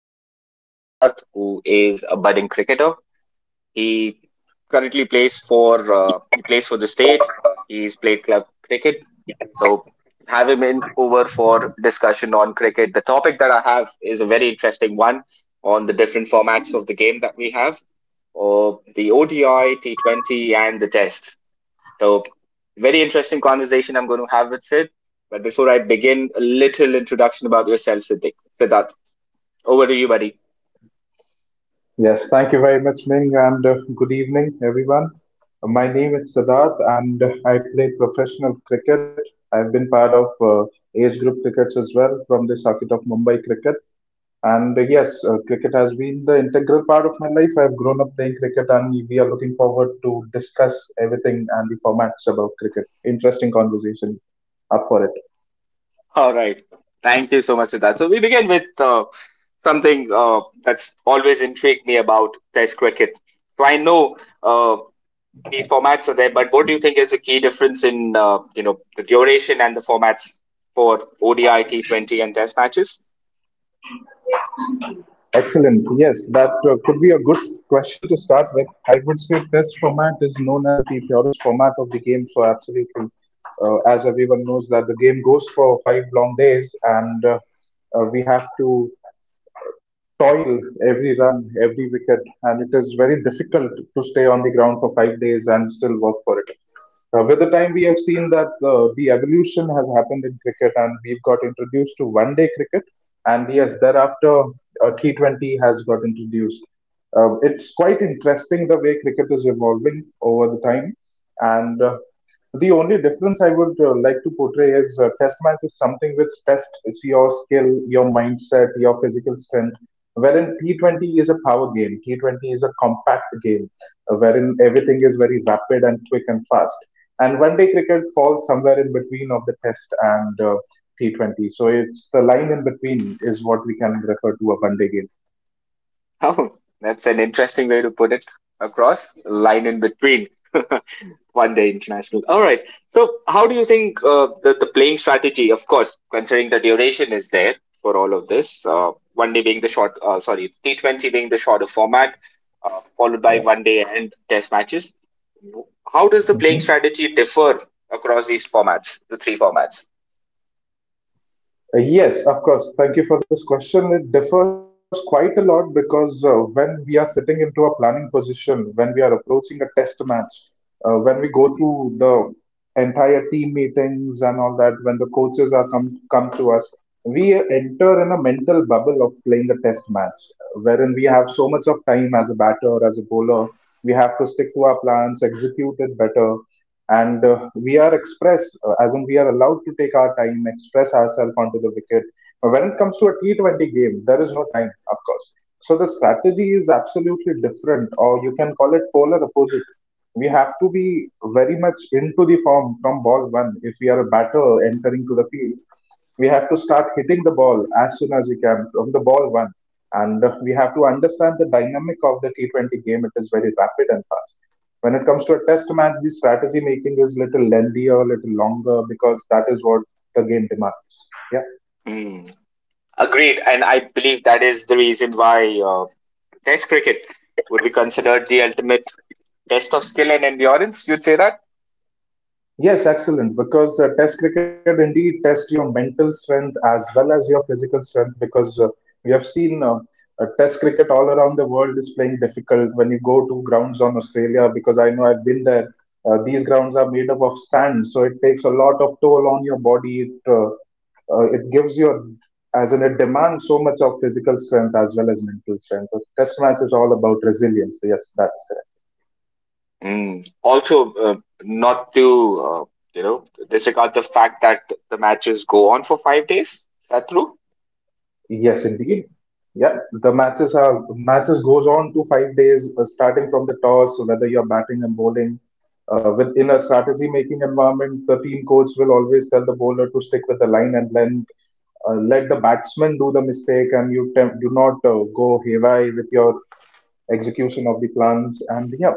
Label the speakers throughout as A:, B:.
A: my good friend Siddharth, who is a budding cricketer. He currently plays for the state. He's played club cricket, so have him in over for discussion on cricket. The topic that I have is a very interesting one on the different formats of the game that we have, or the ODI, T20, and the Test. So, very interesting conversation I'm going to have with Sid. But before I begin, a little introduction about yourself, Siddhi. Siddharth, over to you, buddy.
B: Yes, thank you very much, Ming, and good evening, everyone. My name is Siddharth, and I play professional cricket. I've been part of age group crickets as well from the circuit of Mumbai cricket. And yes, cricket has been the integral part of my life. I've grown up playing cricket, and we are looking forward to discuss everything and the formats about cricket. Interesting conversation. Up for it.
A: All right. Thank you so much, Siddharth. So, we begin with something that's always intrigued me about Test cricket. So, I know the formats are there, but what do you think is the key difference in the duration and the formats for ODI, T20, and Test matches?
B: Excellent. Yes, that could be a good question to start with. I would say test format is known as the purest format of the game. So absolutely, as everyone knows that the game goes for five long days, and we have to toil every run, every wicket, and it is very difficult to stay on the ground for 5 days and still work for it. With the time, we have seen that the evolution has happened in cricket, and we've got introduced to 1 day cricket, and yes, thereafter, T20 has got introduced. It's quite interesting the way cricket is evolving over the time, and the only difference I would like to portray is test match is something which tests your skill, your mindset, your physical strength. Wherein T20 is a power game, T20 is a compact game, wherein everything is very rapid and quick and fast. And 1 day cricket falls somewhere in between of the test and T20. So it's the line in between is what we can refer to a 1 day game.
A: Oh, that's an interesting way to put it across line in between one day international. All right. So, how do you think the playing strategy, of course, considering the duration is there for all of this, one day being the short, T20 being the shorter format, followed by one day and test matches. How does the playing
B: Yeah.
A: strategy differ across these formats, the three formats?
B: Yes, of course. Thank you for this question. It differs quite a lot because when we are sitting into a planning position, when we are approaching a test match, when we go through the entire team meetings and all that, when the coaches are come to us, we enter in a mental bubble of playing a test match, wherein we have so much of time as a batter, as a bowler. We have to stick to our plans, execute it better, and we are express as in we are allowed to take our time express ourselves onto the wicket. But when it comes to a t20 game, there is no time, of course. So the strategy is absolutely different, or you can call it polar opposite. We have to be very much into the form from ball one if we are a batter entering to the field. We have to start hitting the ball as soon as we can from the ball one, and we have to understand the dynamic of the t20 game. It is very rapid and fast. When it comes to a test match, the strategy making is little lengthier, little longer, because that is what the game demands. Yeah.
A: Hmm. Agreed. And I believe that is the reason why Test cricket would be considered the ultimate test of skill and endurance. You'd say that.
B: Yes, excellent. Because test cricket indeed tests your mental strength as well as your physical strength. Because we have seen test cricket all around the world is playing difficult. When you go to grounds on Australia, because I know I've been there, these grounds are made up of sand, so it takes a lot of toll on your body. It it gives you a, as in it demands so much of physical strength as well as mental strength. So test match is all about resilience. Yes, that is correct.
A: Mm. Also, not to uh, you know disregard the fact that the matches go on for 5 days. Is that true?
B: Yes, indeed. Yeah. The matches goes on to 5 days, starting from the toss. So whether you're batting and bowling, within a strategy making environment, the team coach will always tell the bowler to stick with the line and length. Let the batsman do the mistake, and do not go haywire with your execution of the plans. And yeah,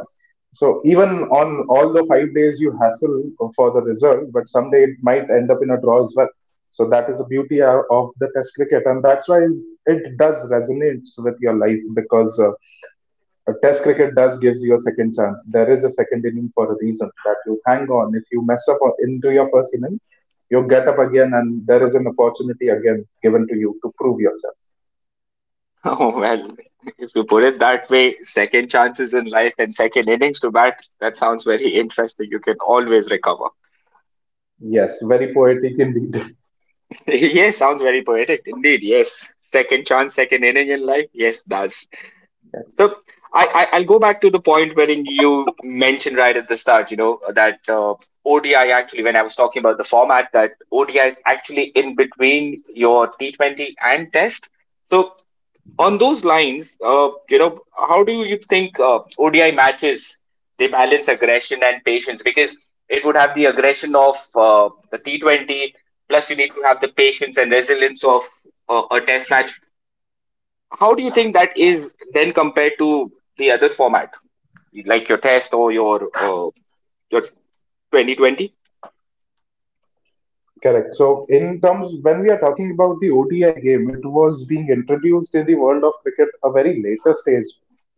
B: so even on all the 5 days you hassle for the result, but someday it might end up in a draw as well. So that is the beauty of the test cricket, and it does resonates with your life, because a test cricket does gives you a second chance. There is a second inning for a reason, that you hang on if you mess up into your first inning, you get up again and there is an opportunity again given to you to prove yourself.
A: Oh well, if you put it that way, second chances in life and second innings to bat. That sounds very interesting. You can always recover.
B: Yes, very poetic indeed.
A: Yes, sounds very poetic indeed. Yes, second chance, second inning in life. Yes, does.
B: yes.
A: So I'll go back to the point wherein you mentioned right at the start, that ODI actually when I was talking about the format that ODI is actually in between your T20 and Test. So on those lines, how do you think ODI matches they balance aggression and patience because it would have the aggression of the T20 plus you need to have the patience and resilience of a Test match. How do you think that is then compared to the other format, like your test or your 2020?
B: Correct. So, in terms, when we are talking about the ODI game, it was being introduced in the world of cricket a very later stage,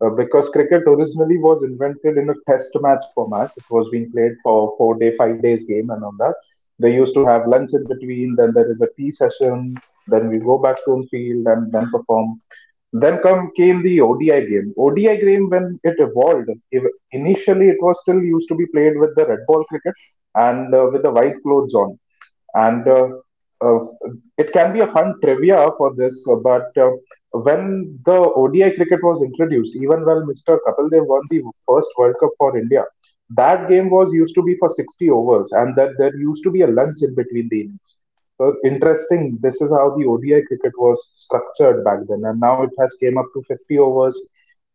B: because cricket originally was invented in a test match format. It was being played for 4 day, 5 days game, and on that. They used to have lunch in between, then there is a tea session, then we go back to on field and then perform. Then come came the ODI game. ODI game when it evolved, initially it was still used to be played with the red ball cricket and with the white clothes on, and uh, it can be a fun trivia for this. But when the ODI cricket was introduced, even when Mr. Kapil Dev won the first World Cup for India, that game was used to be for 60 overs, and that there used to be a lunch in between the innings. So interesting. This is how the ODI cricket was structured back then, and now it has came up to 50 overs.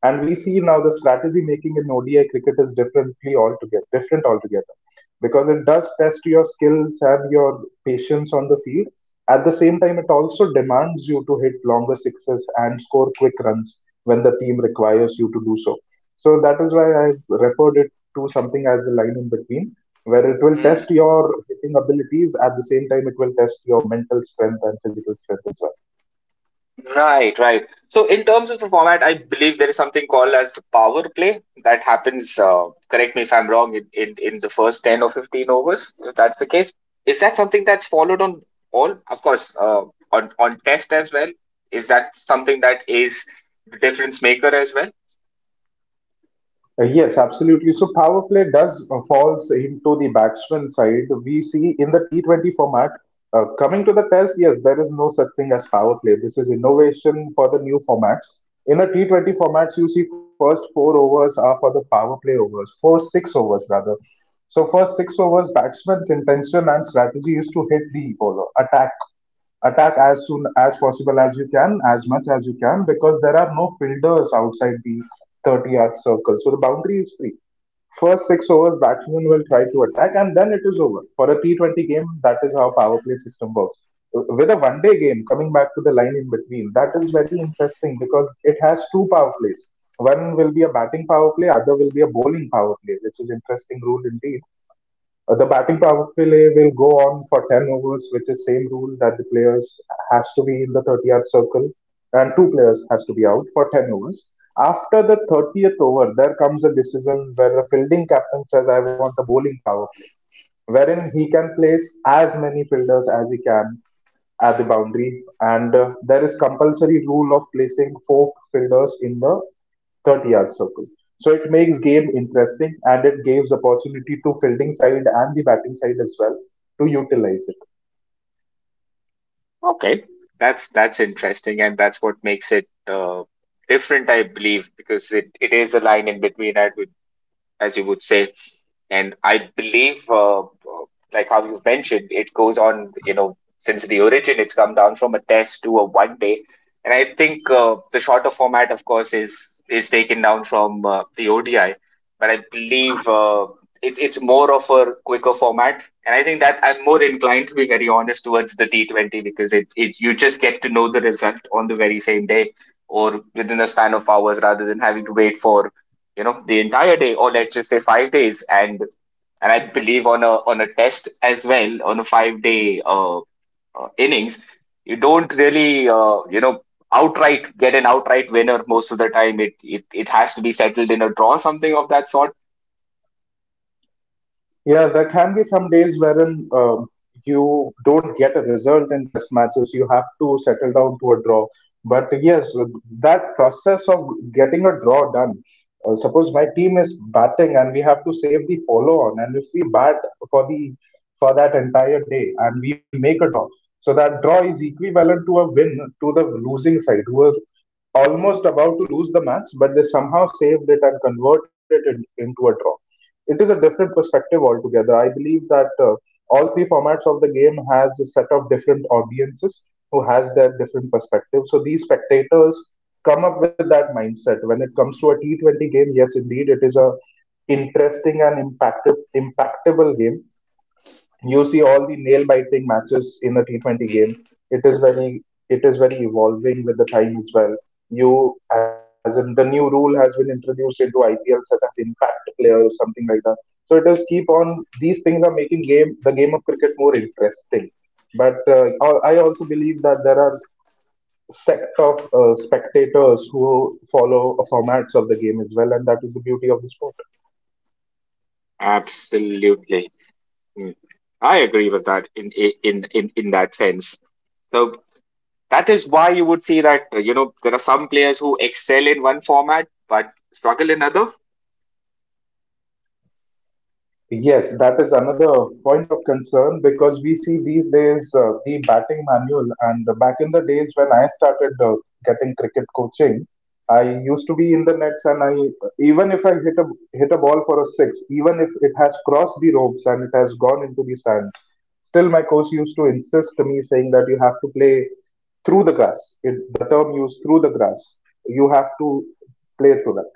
B: And we see now the strategy making in ODI cricket is differently altogether, different altogether, because it does test your skills and your patience on the field. At the same time, it also demands you to hit longer sixes and score quick runs when the team requires you to do so. So that is why I referred it to something as the line in between, where it will
A: Hmm.
B: test your hitting abilities. At the same time, it will test your mental strength and physical strength as well.
A: Right, right. So in terms of the format, I believe there is something called as power play that happens. Correct me if I'm wrong. In the first 10 or 15 overs, if that's the case, is that something that's followed on all? Of course, on test as well. Is that something that is the difference maker as well?
B: Yes, absolutely. So power play does falls into the batsman side. We see in the T20 format. Coming to the test, yes, there is no such thing as power play. This is innovation for the new formats. In a T20 formats, you see first four overs are for the power play overs, first six overs rather. So first six overs, batsman's intention and strategy is to hit the bowler, attack as soon as possible as you can, as much as you can, because there are no fielders outside the 30-yard circle. So the boundary is free. First six overs, batsmen will try to attack, and then it is over. For a T20 game, that is how power play system works. With a 1 day game, coming back to the line in between, that is very interesting because it has two power plays. One will be a batting power play, other will be a bowling power play, which is interesting rule indeed. The batting power play will go on for 10 overs, which is same rule that the players has to be in the 30-yard circle and two players has to be out for 10 overs. After the 30th over, there comes a decision where the fielding captain says, I want a bowling power play, wherein he can place as many fielders as he can at the boundary. And there is compulsory rule of placing four fielders in the 30-yard circle. So it makes game interesting and it gives opportunity to fielding side and the batting side as well to utilize it.
A: Okay, that's interesting, and that's what makes it different, I believe, because it is a line in between, I would, as you would say. And I believe, like how you've mentioned, it goes on, since the origin, it's come down from a test to a one day. And I think the shorter format, of course, is taken down from the ODI. But I believe it's more of a quicker format. And I think that I'm more inclined, to be very honest, towards the T20 because it you just get to know the result on the very same day or within a span of hours rather than having to wait for the entire day or let's just say 5 days, and I believe on a test as well, on a 5-day innings, you don't really outright get an outright winner. Most of the time it has to be settled in a draw, something of that sort.
B: Yeah, there can be some days wherein you don't get a result in test matches. You have to settle down to a draw. But yes, that process of getting a draw done. Suppose my team is batting and we have to save the follow-on, and if we bat for the for that entire day and we make a draw, so that draw is equivalent to a win to the losing side who are almost about to lose the match, but they somehow saved it and converted it into a draw. It is a different perspective altogether. I believe that all three formats of the game has a set of different audiences who has their different perspectives. So these spectators come up with that mindset when it comes to a T20 game. Yes, indeed, it is a interesting and impactable game. You see all the nail biting matches in the T20 game.
A: Hmm.
B: It is very it is very evolving with the time as well. You as in the new rule has been introduced into IPL such as impact player or something like that. So it does keep on these things are making game the game of cricket more interesting. But I also believe that there are sect of spectators who follow formats of the game as well, and that is the beauty of the sport.
A: Absolutely. Mm. I agree with that in that sense. So that is why you would see that there are some players who excel in one format but struggle in other.
B: Yes, that is another point of concern because we see these days the batting manual. And back in the days when I started getting cricket coaching, I used to be in the nets, and I even if I hit a ball for a six, even if it has crossed the ropes and it has gone into the stands, still my coach used to insist to me saying that you have to play through the grass. It, the term used through the grass. You have to play through that.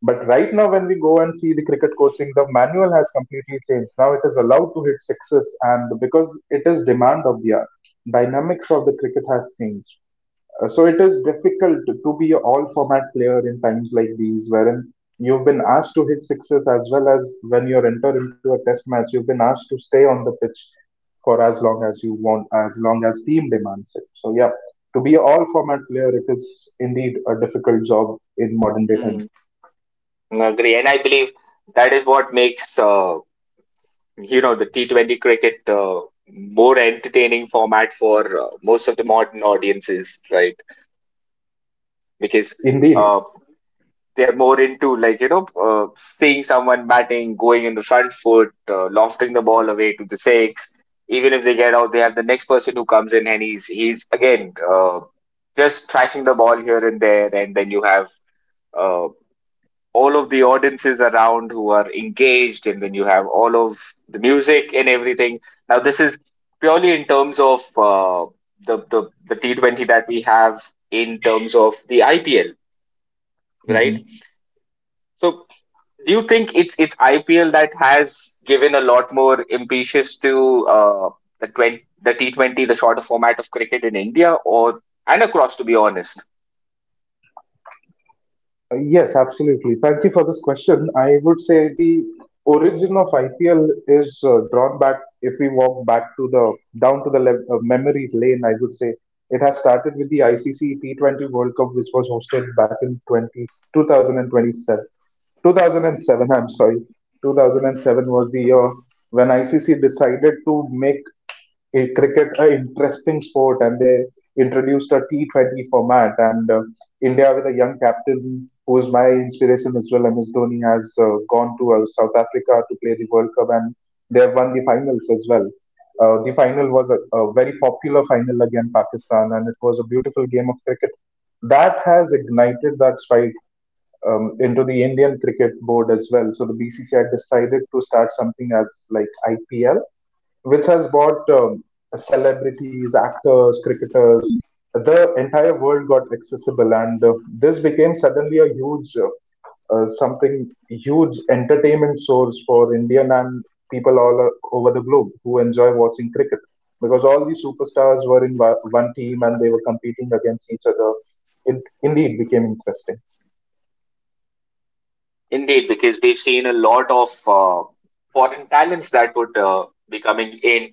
B: But right now, when we go and see the cricket coaching, the manual has completely changed. Now it is allowed to hit sixes, and because it is demand of the hour, dynamics of the cricket has changed. So it is difficult to be an all format player in times like these, wherein you've been asked to hit sixes as well as when you enter into a test match, you've been asked to stay on the pitch for as long as you want, as long as team demands it. So yeah, to be an all format player, it is indeed a difficult job in modern day time.
A: Agree, and I believe that is what makes the T20 cricket more entertaining format for most of the modern audiences, right? Because
B: Indeed.
A: uh, they are more into, like, seeing someone batting, going in the front foot, lofting the ball away to the six. Even if they get out, they have the next person who comes in, and he's again just thrashing the ball here and there, and then you have. uh, all of the audiences around who are engaged, and then you have all of the music and everything. Now this is purely in terms of the T20 that we have, in terms of the IPL, right?
B: Mhm.
A: So do you think it's IPL that has given a lot more impetus to the 20, the T20, the shorter format of cricket in India or and across, to be honest?
B: Yes, absolutely. Thank you for this question. I would say the origin of IPL is drawn back. If we walk back to the down to the lev memory lane, I would say it has started with the ICC T20 World Cup, which was hosted back in twenty two 2007, I'm sorry. 2007 was the year when ICC decided to make a cricket a interesting sport and they introduced a T20 format, and India with a young captain who is my inspiration as well, MS Dhoni, has gone to South Africa to play the World Cup, and they have won the finals as well. The final was a very popular final against Pakistan, and it was a beautiful game of cricket. That has ignited that spite into the Indian cricket board as well. So the BCCI decided to start something as like IPL, which has brought celebrities, actors, cricketers. The entire world got accessible, and this became suddenly a something huge entertainment source for Indian and people all over the globe who enjoy watching cricket because all these superstars were in one team and they were competing against each other. It indeed became interesting.
A: Indeed, because we've seen a lot of foreign talents that would be coming in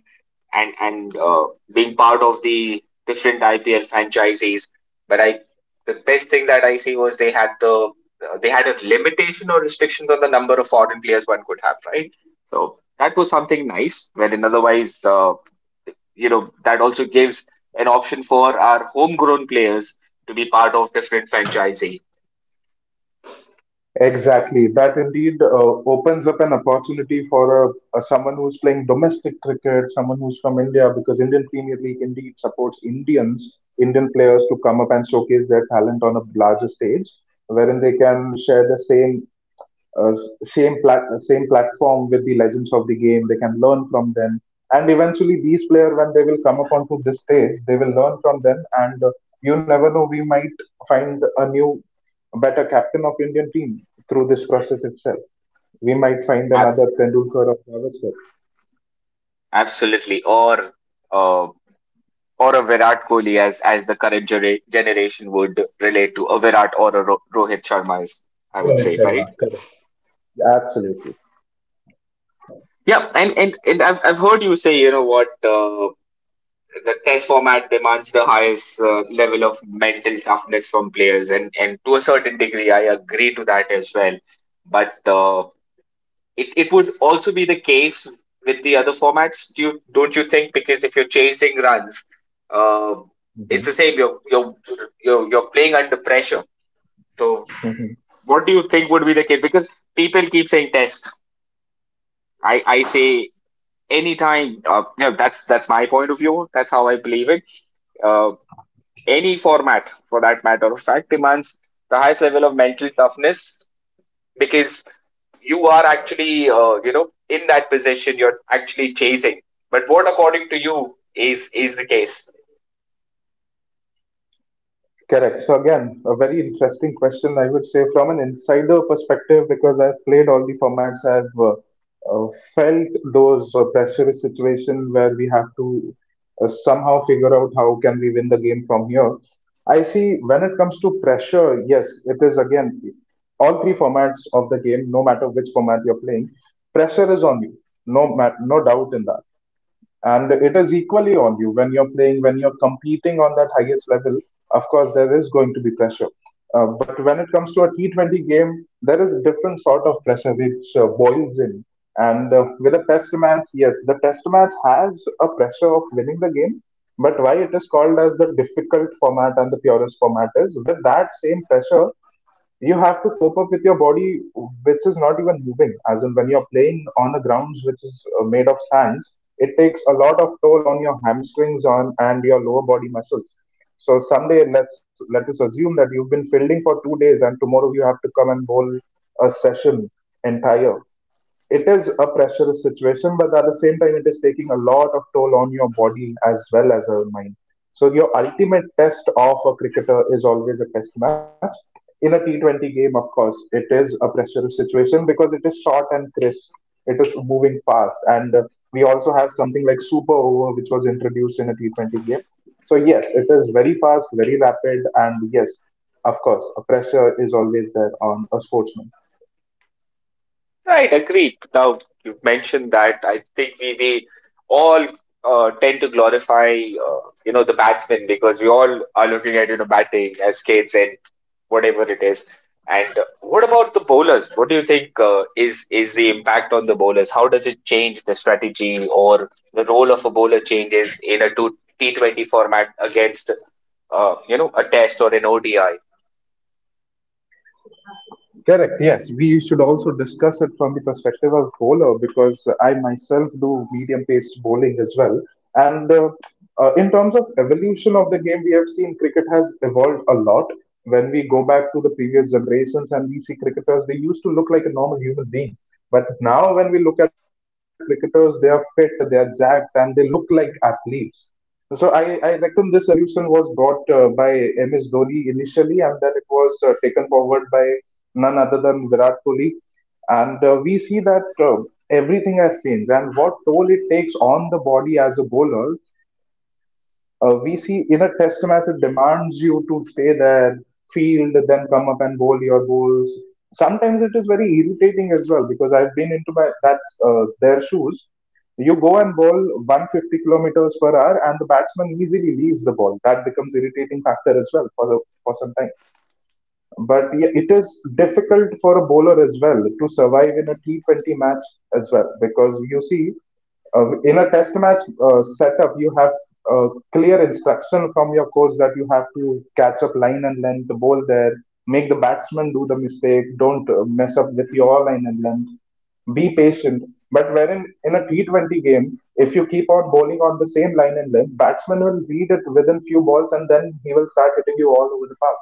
A: and being part of the different IPL franchises. But I, the best thing that I see was they had a limitation or restrictions on the number of foreign players one could have, right? So that was something nice. Wherein otherwise, that also gives an option for our homegrown players to be part of different franchisee.
B: Exactly. That indeed opens up an opportunity for a someone who's playing domestic cricket, someone who's from India, because Indian Premier League indeed supports Indians, Indian players to come up and showcase their talent on a larger stage, wherein they can share the same uh, platform with the legends of the game. They can learn from them, and eventually these players, when they will come up onto this stage, they will learn from them. And you never know, we might find a new, better captain of Indian team through this process itself. We might find
A: Ab-
B: another Tendulkar or Gavaskar.
A: Absolutely, or uh, a Virat Kohli, as, the current generation would relate to a Virat or a Rohit Sharma, is, I would
B: Rohit
A: say,
B: Sharma,
A: right?
B: correct? Absolutely.
A: Yeah, and I've, heard you say, you know what, the test format demands the highest level of mental toughness from players, and to a certain degree, I agree to that as well. But it would also be the case with the other formats, don't you think? Because if you're chasing runs, uh, it's
B: hmm
A: the same. You're playing under pressure. So, what do you think would be the case? Because people keep saying test. I say anytime. That's my point of view. That's how I believe it. Uh, any format, for that matter of fact, demands the highest level of mental toughness because you are actually, in that position. You're actually chasing. But what, according to you, is the case?
B: Correct. So again, a very interesting question, I would say, from an insider perspective, because I've played all the formats, I've uh, felt those pressurous situation where we have to somehow figure out how can we win the game from here. I see, when it comes to pressure, yes, it is again all three formats of the game. No matter which format you're playing, pressure is on you. No, no doubt in that, and it is equally on you when you're competing on that highest level. Of course there is going to be pressure, but when it comes to a T20 game, there is a different sort of pressure which boils in. And with a test match, yes, the test match has a pressure of winning the game, but why it is called as the difficult format and the purest format is, with that same pressure you have to cope up with your body, which is not even moving as in when you're playing on the grounds which is made of sands. It takes a lot of toll on your hamstrings on and your lower body muscles. So someday, let us assume that you've been fielding for two days and tomorrow you have to come and bowl a session entire. It is a pressurous situation, but at the same time, it is taking a lot of toll on your body as well as your mind. So your ultimate test of a cricketer is always a test match. In a T20 game, of course, it is a pressurous situation because it is short and crisp. It is moving fast, and we also have something like super over, which was introduced in a T20 game. So yes, it is very fast, very rapid, and yes, of course, a pressure is always there on a sportsman.
A: Right, agreed. Now you've mentioned that. I think we all tend to glorify the batsmen, because we all are looking at batting as kids and whatever it is. And what about the bowlers? What do you think is the impact on the bowlers? How does it change the strategy, or the role of a bowler changes in a two T 20 format against a test or an ODI?
B: Correct. Yes, we should also discuss it from the perspective of bowler because I myself do medium pace bowling as well. And in terms of evolution of the game, we have seen cricket has evolved a lot. When we go back to the previous generations and we see cricketers, they used to look like a normal human being. But now, when we look at cricketers, they are fit, they are jacked, and they look like athletes. So I reckon this evolution was brought by MS Dhoni initially, and then it was taken forward by none other than Virat Kohli. And we see that everything has changed, and what toll it takes on the body as a bowler, we see in a test match, it demands you to stay there, field, then come up and bowl your balls. Sometimes it is very irritating as well because I've been into my that's their shoes. You go and bowl 150 kilometers per hour, and the batsman easily leaves the ball. That becomes irritating factor as well for for some time. But yeah, it is difficult for a bowler as well to survive in a T20 match as well because you see, in a test match setup, you have uh, clear instruction from your coach that you have to catch up line and length, bowl there, make the batsman do the mistake, don't mess up with your line and length, be patient. But wherein in a T20 game, if you keep on bowling on the same line and length, batsman will read it within few balls and then he will start hitting you all over the park.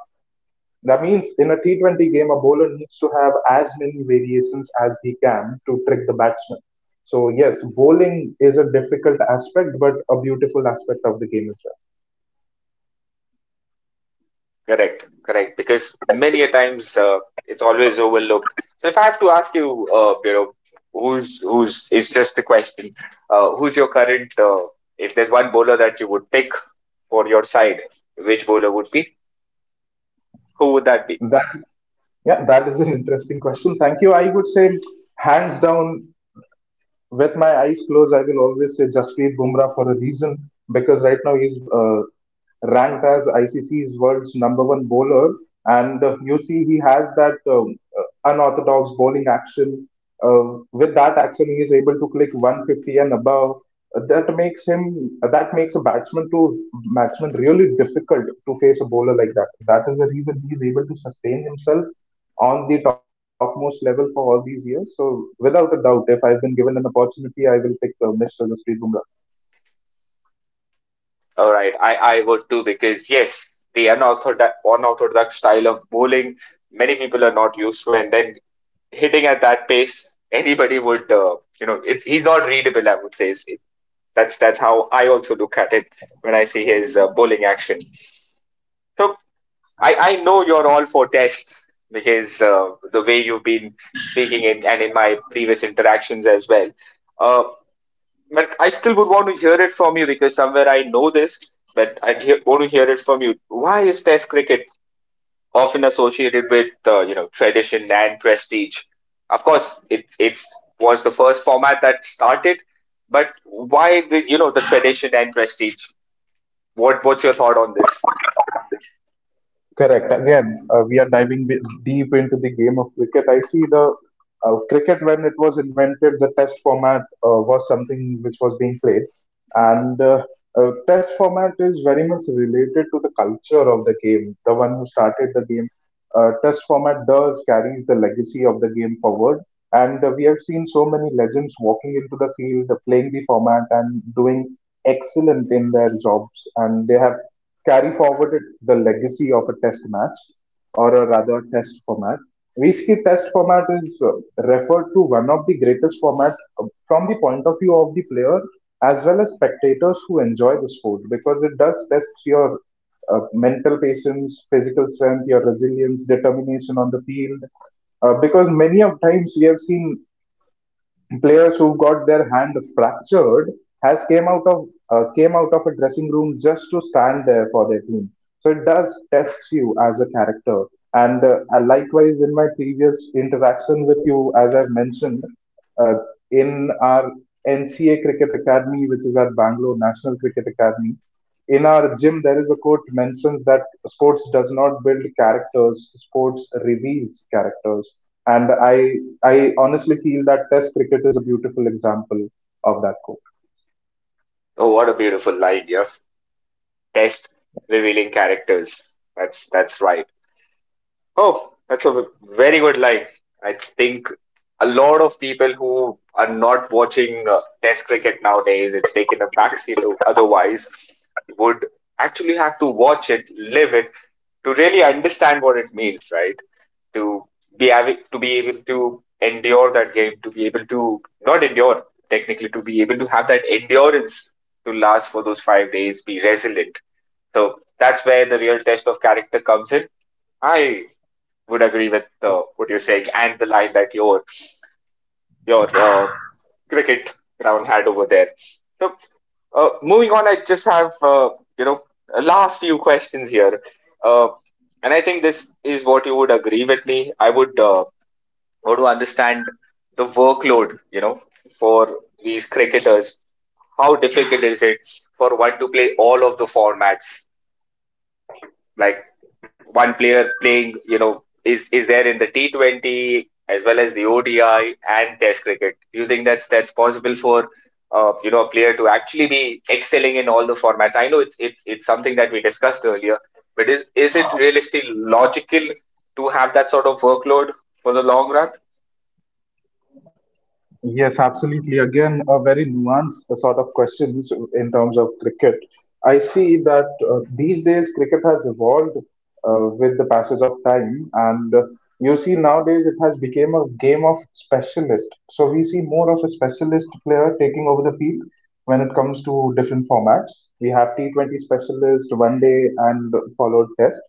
B: That means in a T20 game, a bowler needs to have as many variations as he can to trick the batsman. So, yes, bowling is a difficult aspect, but a beautiful aspect of the game as
A: Correct, correct. Because many a times it's always overlooked. So if I have to ask you, who's? It's just a question. Who's your current? If there's one bowler that you would pick for your side, which bowler would be? Who would that be?
B: well. That is an interesting question. Thank you. I would say, hands down, with my eyes closed, I will always say Jasprit Bumrah for a reason, because right now he's ranked as ICC's world's number one bowler, and you see he has that unorthodox bowling action. With that action, he is able to click 150 and above. That makes a batsman really difficult to face a bowler like that. That is the reason he is able to sustain himself on the topmost level for all these years. So without a doubt, if I've been given an opportunity, I will pick Mr. Jasprit Bumrah.
A: All right, I would too, because yes, the unorthodox style of bowling, many people are not used to, and then hitting at that pace, anybody would. You know, it's he's not readable, I would say. That's how I also look at it when I see his bowling action. So I know you're all for Test, because the way you've been speaking in, and in my previous interactions as well. Uh, but I still would want to hear it from you, because somewhere I know this, but I would want to hear it from you. Why is Test cricket often associated with tradition and prestige? Of course, it's was the first format that started, but why the you know the tradition and prestige? What's your thought on this?
B: Correct. Again, we are diving deep into the game of cricket. I see the cricket, when it was invented, the test format was something which was being played, and test format is very much related to the culture of the game. The one who started the game, test format does carries the legacy of the game forward, and we have seen so many legends walking into the field, playing the format, and doing excellent in their jobs, and they have carry forwarded the legacy of a test match, or a rather test format. Basically, test format is referred to one of the greatest format from the point of view of the player as well as spectators who enjoy the sport because it does test your mental patience, physical strength, your resilience, determination on the field. Because many of times we have seen players who got their hand fractured has came out of a dressing room just to stand there for their team, so it does tests you as a character. And Likewise, in my previous interaction with you, as I've mentioned, uh, in our NCA cricket academy, which is our Bangalore National Cricket Academy, in our gym there is a quote mentions that sports does not build characters, sports reveals characters. And I honestly feel that Test cricket is a beautiful example of that quote.
A: Oh, what a beautiful line, yeah. Test revealing characters. That's right. Oh, that's a very good line. I think a lot of people who are not watching Test cricket nowadays, it's taken a backseat to otherwise, would actually have to watch it, live it, to really understand what it means, right? To be able to endure that game, to be able to not endure technically, to be able to have that endurance to last for those 5 days, be resilient. So that's where the real test of character comes in. I would agree with what you're saying and the line that your cricket ground had over there. So Moving on, I just have you know a last few questions here, uh, and I think this is what you would agree with me. I would want to understand the workload, you know, for these cricketers. How difficult is it for one to play all of the formats? Like one player playing, you know, is there in the T20 as well as the ODI and Test cricket. Do you think that's possible for you know a player to actually be excelling in all the formats? I know it's something that we discussed earlier, but is it realistically logical to have that sort of workload for the long run?
B: Yes, absolutely. Again, a very nuanced sort of questions in terms of cricket. I see that these days cricket has evolved with the passage of time, and you see, nowadays it has become a game of specialist. So we see more of a specialist player taking over the field when it comes to different formats. We have T20 specialist, one-day, and followed Test.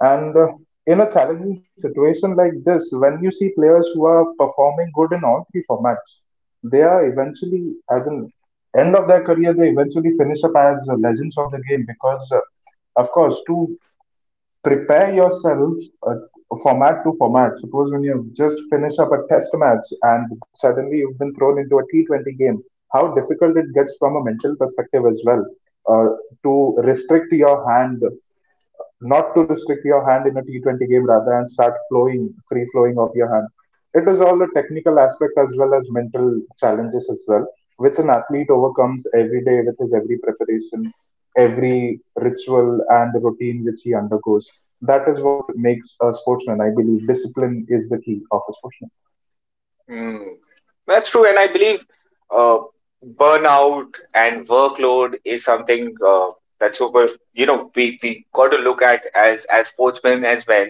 B: And in a challenging situation like this, when you see players who are performing good in all three formats, they are eventually, as in end of their career, they eventually finish up as legends of the game because, of course, to prepare yourself uh, format to format. Suppose when you have just finished up a test match and suddenly you've been thrown into a T20 game, how difficult it gets from a mental perspective as well. Uh, to restrict your hand, not to restrict your hand in a T20 game rather, and start flowing, free flowing of your hand. It is all the technical aspect as well as mental challenges as well, which an athlete overcomes every day with his every preparation, every ritual and the routine which he undergoes. That is what makes a sportsman. I believe discipline is the key of a sportsman.
A: Mm. That's true, and I believe uh, burnout and workload is something that's super. You know, we got to look at as sportsmen as well,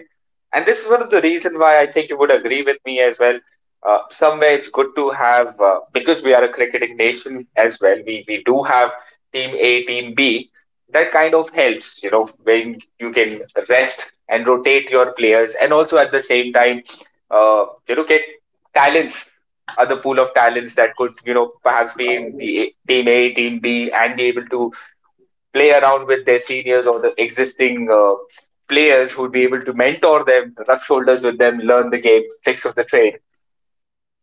A: and this is one of the reason why I think you would agree with me as well. Somewhere it's good to have because we are a cricketing nation as well. We do have team A, team B. That kind of helps, you know, when you can rest and rotate your players, and also at the same time, you know, get talents, other pool of talents that could, you know, perhaps be in the team A, team B, and be able to play around with their seniors or the existing players who'd be able to mentor them, rub shoulders with them, learn the game, tricks of the trade.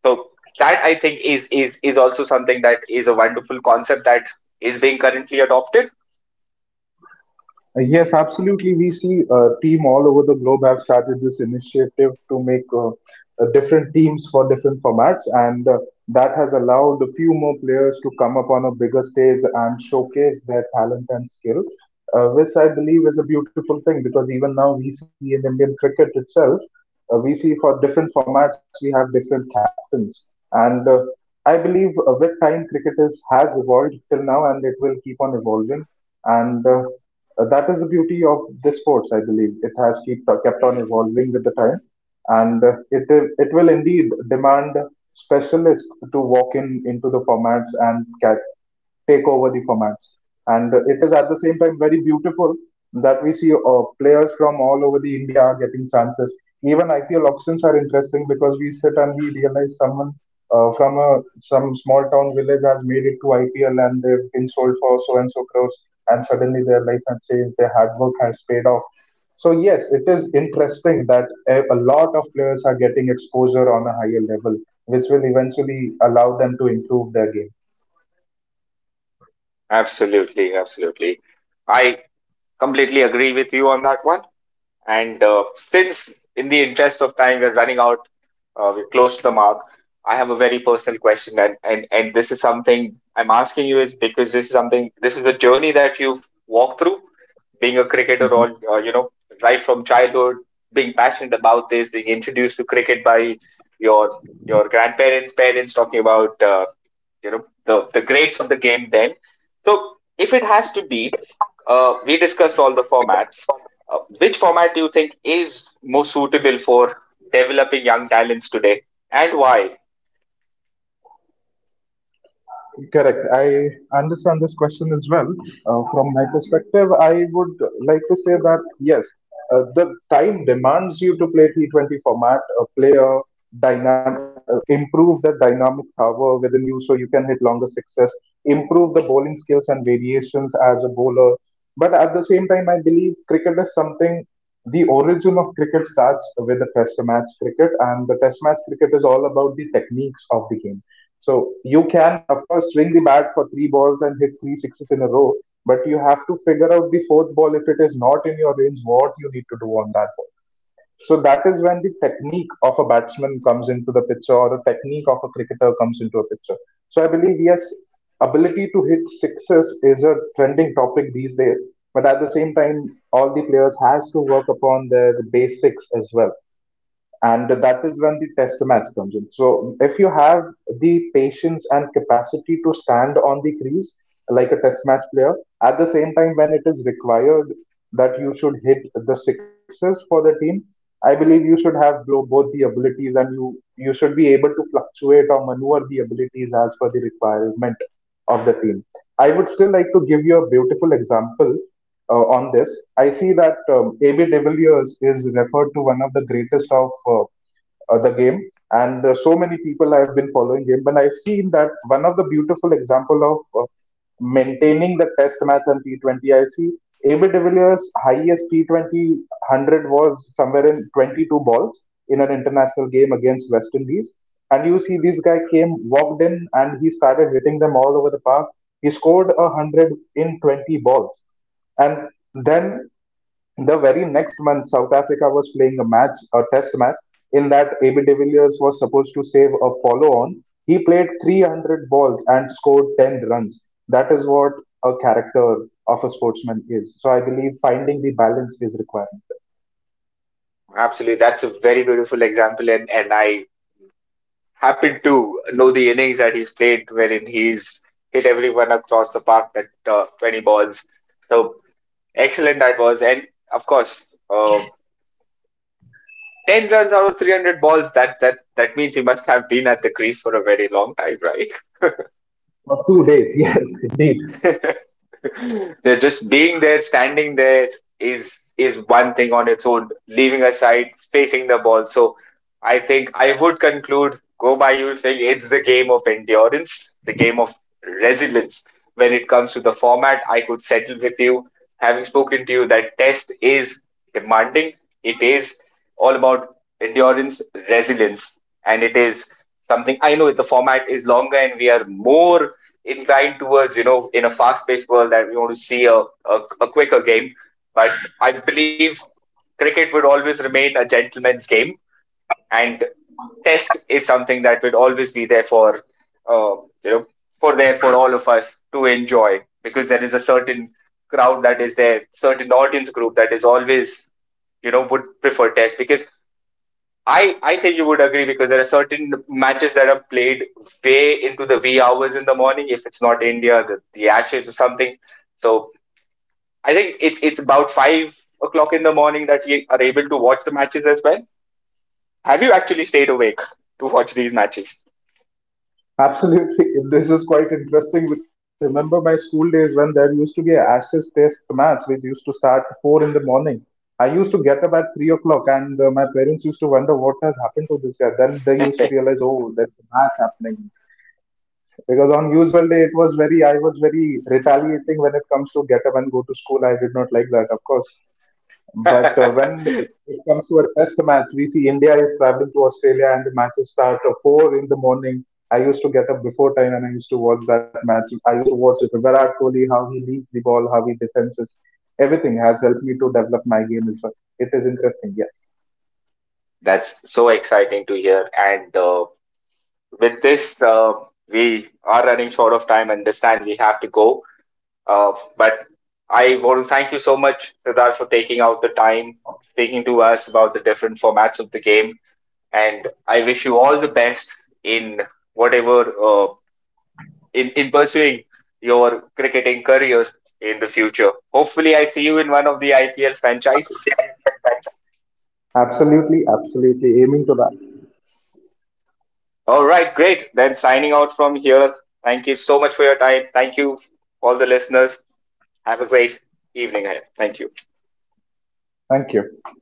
A: So that I think is also something that is a wonderful concept that is being currently adopted.
B: Yes, absolutely. We see team all over the globe have started this initiative to make different teams for different formats, and that has allowed a few more players to come up on a bigger stage and showcase their talent and skill, which I believe is a beautiful thing because even now we see in Indian cricket itself, we see for different formats we have different captains. And I believe, with time cricket is, has evolved till now, and it will keep on evolving. And that is the beauty of this sports, I believe. It has keep, kept on
A: Mm.
B: evolving with the time, and it will indeed demand specialists to walk in into the formats and take over the formats. And it is at the same time very beautiful that we see players from all over the India are getting chances. Even IPL auctions are interesting because we sit and we realize someone from a some small town village has made it to IPL, and they've been sold for so and so crores, and suddenly their life has changed. Their hard work has paid off. So yes, it is interesting that a lot of players are getting exposure on a higher level, which will eventually allow them to improve their game.
A: Absolutely, absolutely. I completely agree with you on that one. And since, in the interest of time, we're running out, we're close to the mark. I have a very personal question, and this is something I'm asking you is because this is something this is the journey that you've walked through, being a cricketer
B: Mm-hmm.
A: all right from childhood, being passionate about this, being introduced to cricket by your your grandparents, parents, talking about the greats of the game then. So if it has to be, we discussed all the formats. Which format do you think is most suitable for developing young talents today, and why?
B: Correct. I understand this question as well. From my perspective, I would like to say that yes, the time demands you to play T20 format, play a dynamic, improve the dynamic power within you so you can hit longer sixes, improve the bowling skills and variations as a bowler. But at the same time, I believe cricket is something. The origin of cricket starts with the test match cricket, and the test match cricket is all about the techniques of the game, so you can, of course, swing the bat for three balls and hit three sixes in a row, but you have to figure out the fourth ball if it is not in your range, what you need to do on that ball. So that is when the technique of a batsman comes into the picture, or the technique of a cricketer comes into a picture. So I believe yes, ability to hit sixes is a trending topic these days, but at the same time, all the players has to work upon their basics as well, and that is when the test match comes in. So if you have the patience and capacity to stand on the crease like a test match player, at the same time when it is required that you should hit the sixes for the team, I believe you should have both the abilities, and you should be able to fluctuate or maneuver the abilities as per the requirement of the team. I would still like to give you a beautiful example on this. I see that AB de Villiers is referred to one of the greatest of the game, and so many people have been following him. But I've seen that one of the beautiful example of maintaining the Test match and T20. I see AB de Villiers' highest T twenty hundred was somewhere in 22 balls in an international game against West Indies. And you see, this guy came, walked in, and he started hitting them all over the park. He scored a hundred in 20 balls, and then the very next month, South Africa was playing a match, a test match, in that AB de Villiers was supposed to save a follow on. He played 300 balls and scored 10 runs. That is what a character of a sportsman is. So I believe finding the balance is required.
A: Absolutely, that's a very beautiful example, and I happen to know the innings that he's played wherein he's hit everyone across the park, that 20 balls. So excellent that was. And of course, 10 runs out of 300 balls, that means he must have been at the crease for a very long time, right?
B: For 2 days, yes, indeed.
A: They're just being there, standing there is one thing on its own, leaving aside facing the ball. So I think I would conclude, go by you saying it's the game of endurance, the game of resilience. When it comes to the format, I could settle with you, having spoken to you, that test is demanding. It is all about endurance, resilience, and it is something. I know the format is longer and we are more inclined towards, you know, in a fast paced world that we want to see a quicker game. But I believe cricket would always remain a gentleman's game, and test is something that will always be there for uh, you know for there for all of us to enjoy, because there is a certain crowd that is there, certain audience group that is always, you know, would prefer test. Because I think you would agree, because there are certain matches that are played way into the wee hours in the morning if it's not india, the ashes or something. So I think it's about 5 o'clock in the morning that we are able to watch the matches as well. Have you actually stayed awake to watch these matches?
B: Absolutely. This is quite interesting because I remember my school days when there used to be an Ashes Test match which used to start at 4 in the morning. I used to get up at 3 o'clock, and my parents used to wonder what has happened to this guy. Then they used to realize, oh, there's a match happening. Because on usual day, I was very retaliating when it comes to get up and go to school. I did not like that, of course. But when it comes to a test match, we see India is traveling to Australia and the matches start at 4 in the morning. I used to get up before time and I used to watch that match. I used to watch Virat Kohli, how he leads the ball, how he defenses. Everything has helped me to develop my game as well. It is interesting, yes.
A: That's so exciting to hear. And with this, we are running short of time. Understand we have to go. But I want to thank you so much, Siddharth, for taking out the time, speaking to us about the different formats of the game. And I wish you all the best in whatever in pursuing your cricketing career in the future. Hopefully, I see you in one of the IPL franchises.
B: Absolutely, absolutely aiming to that.
A: All right, great. Then signing out from here. Thank you so much for your time. Thank you, all the listeners. Have a great evening ahead. Thank you.
B: Thank you.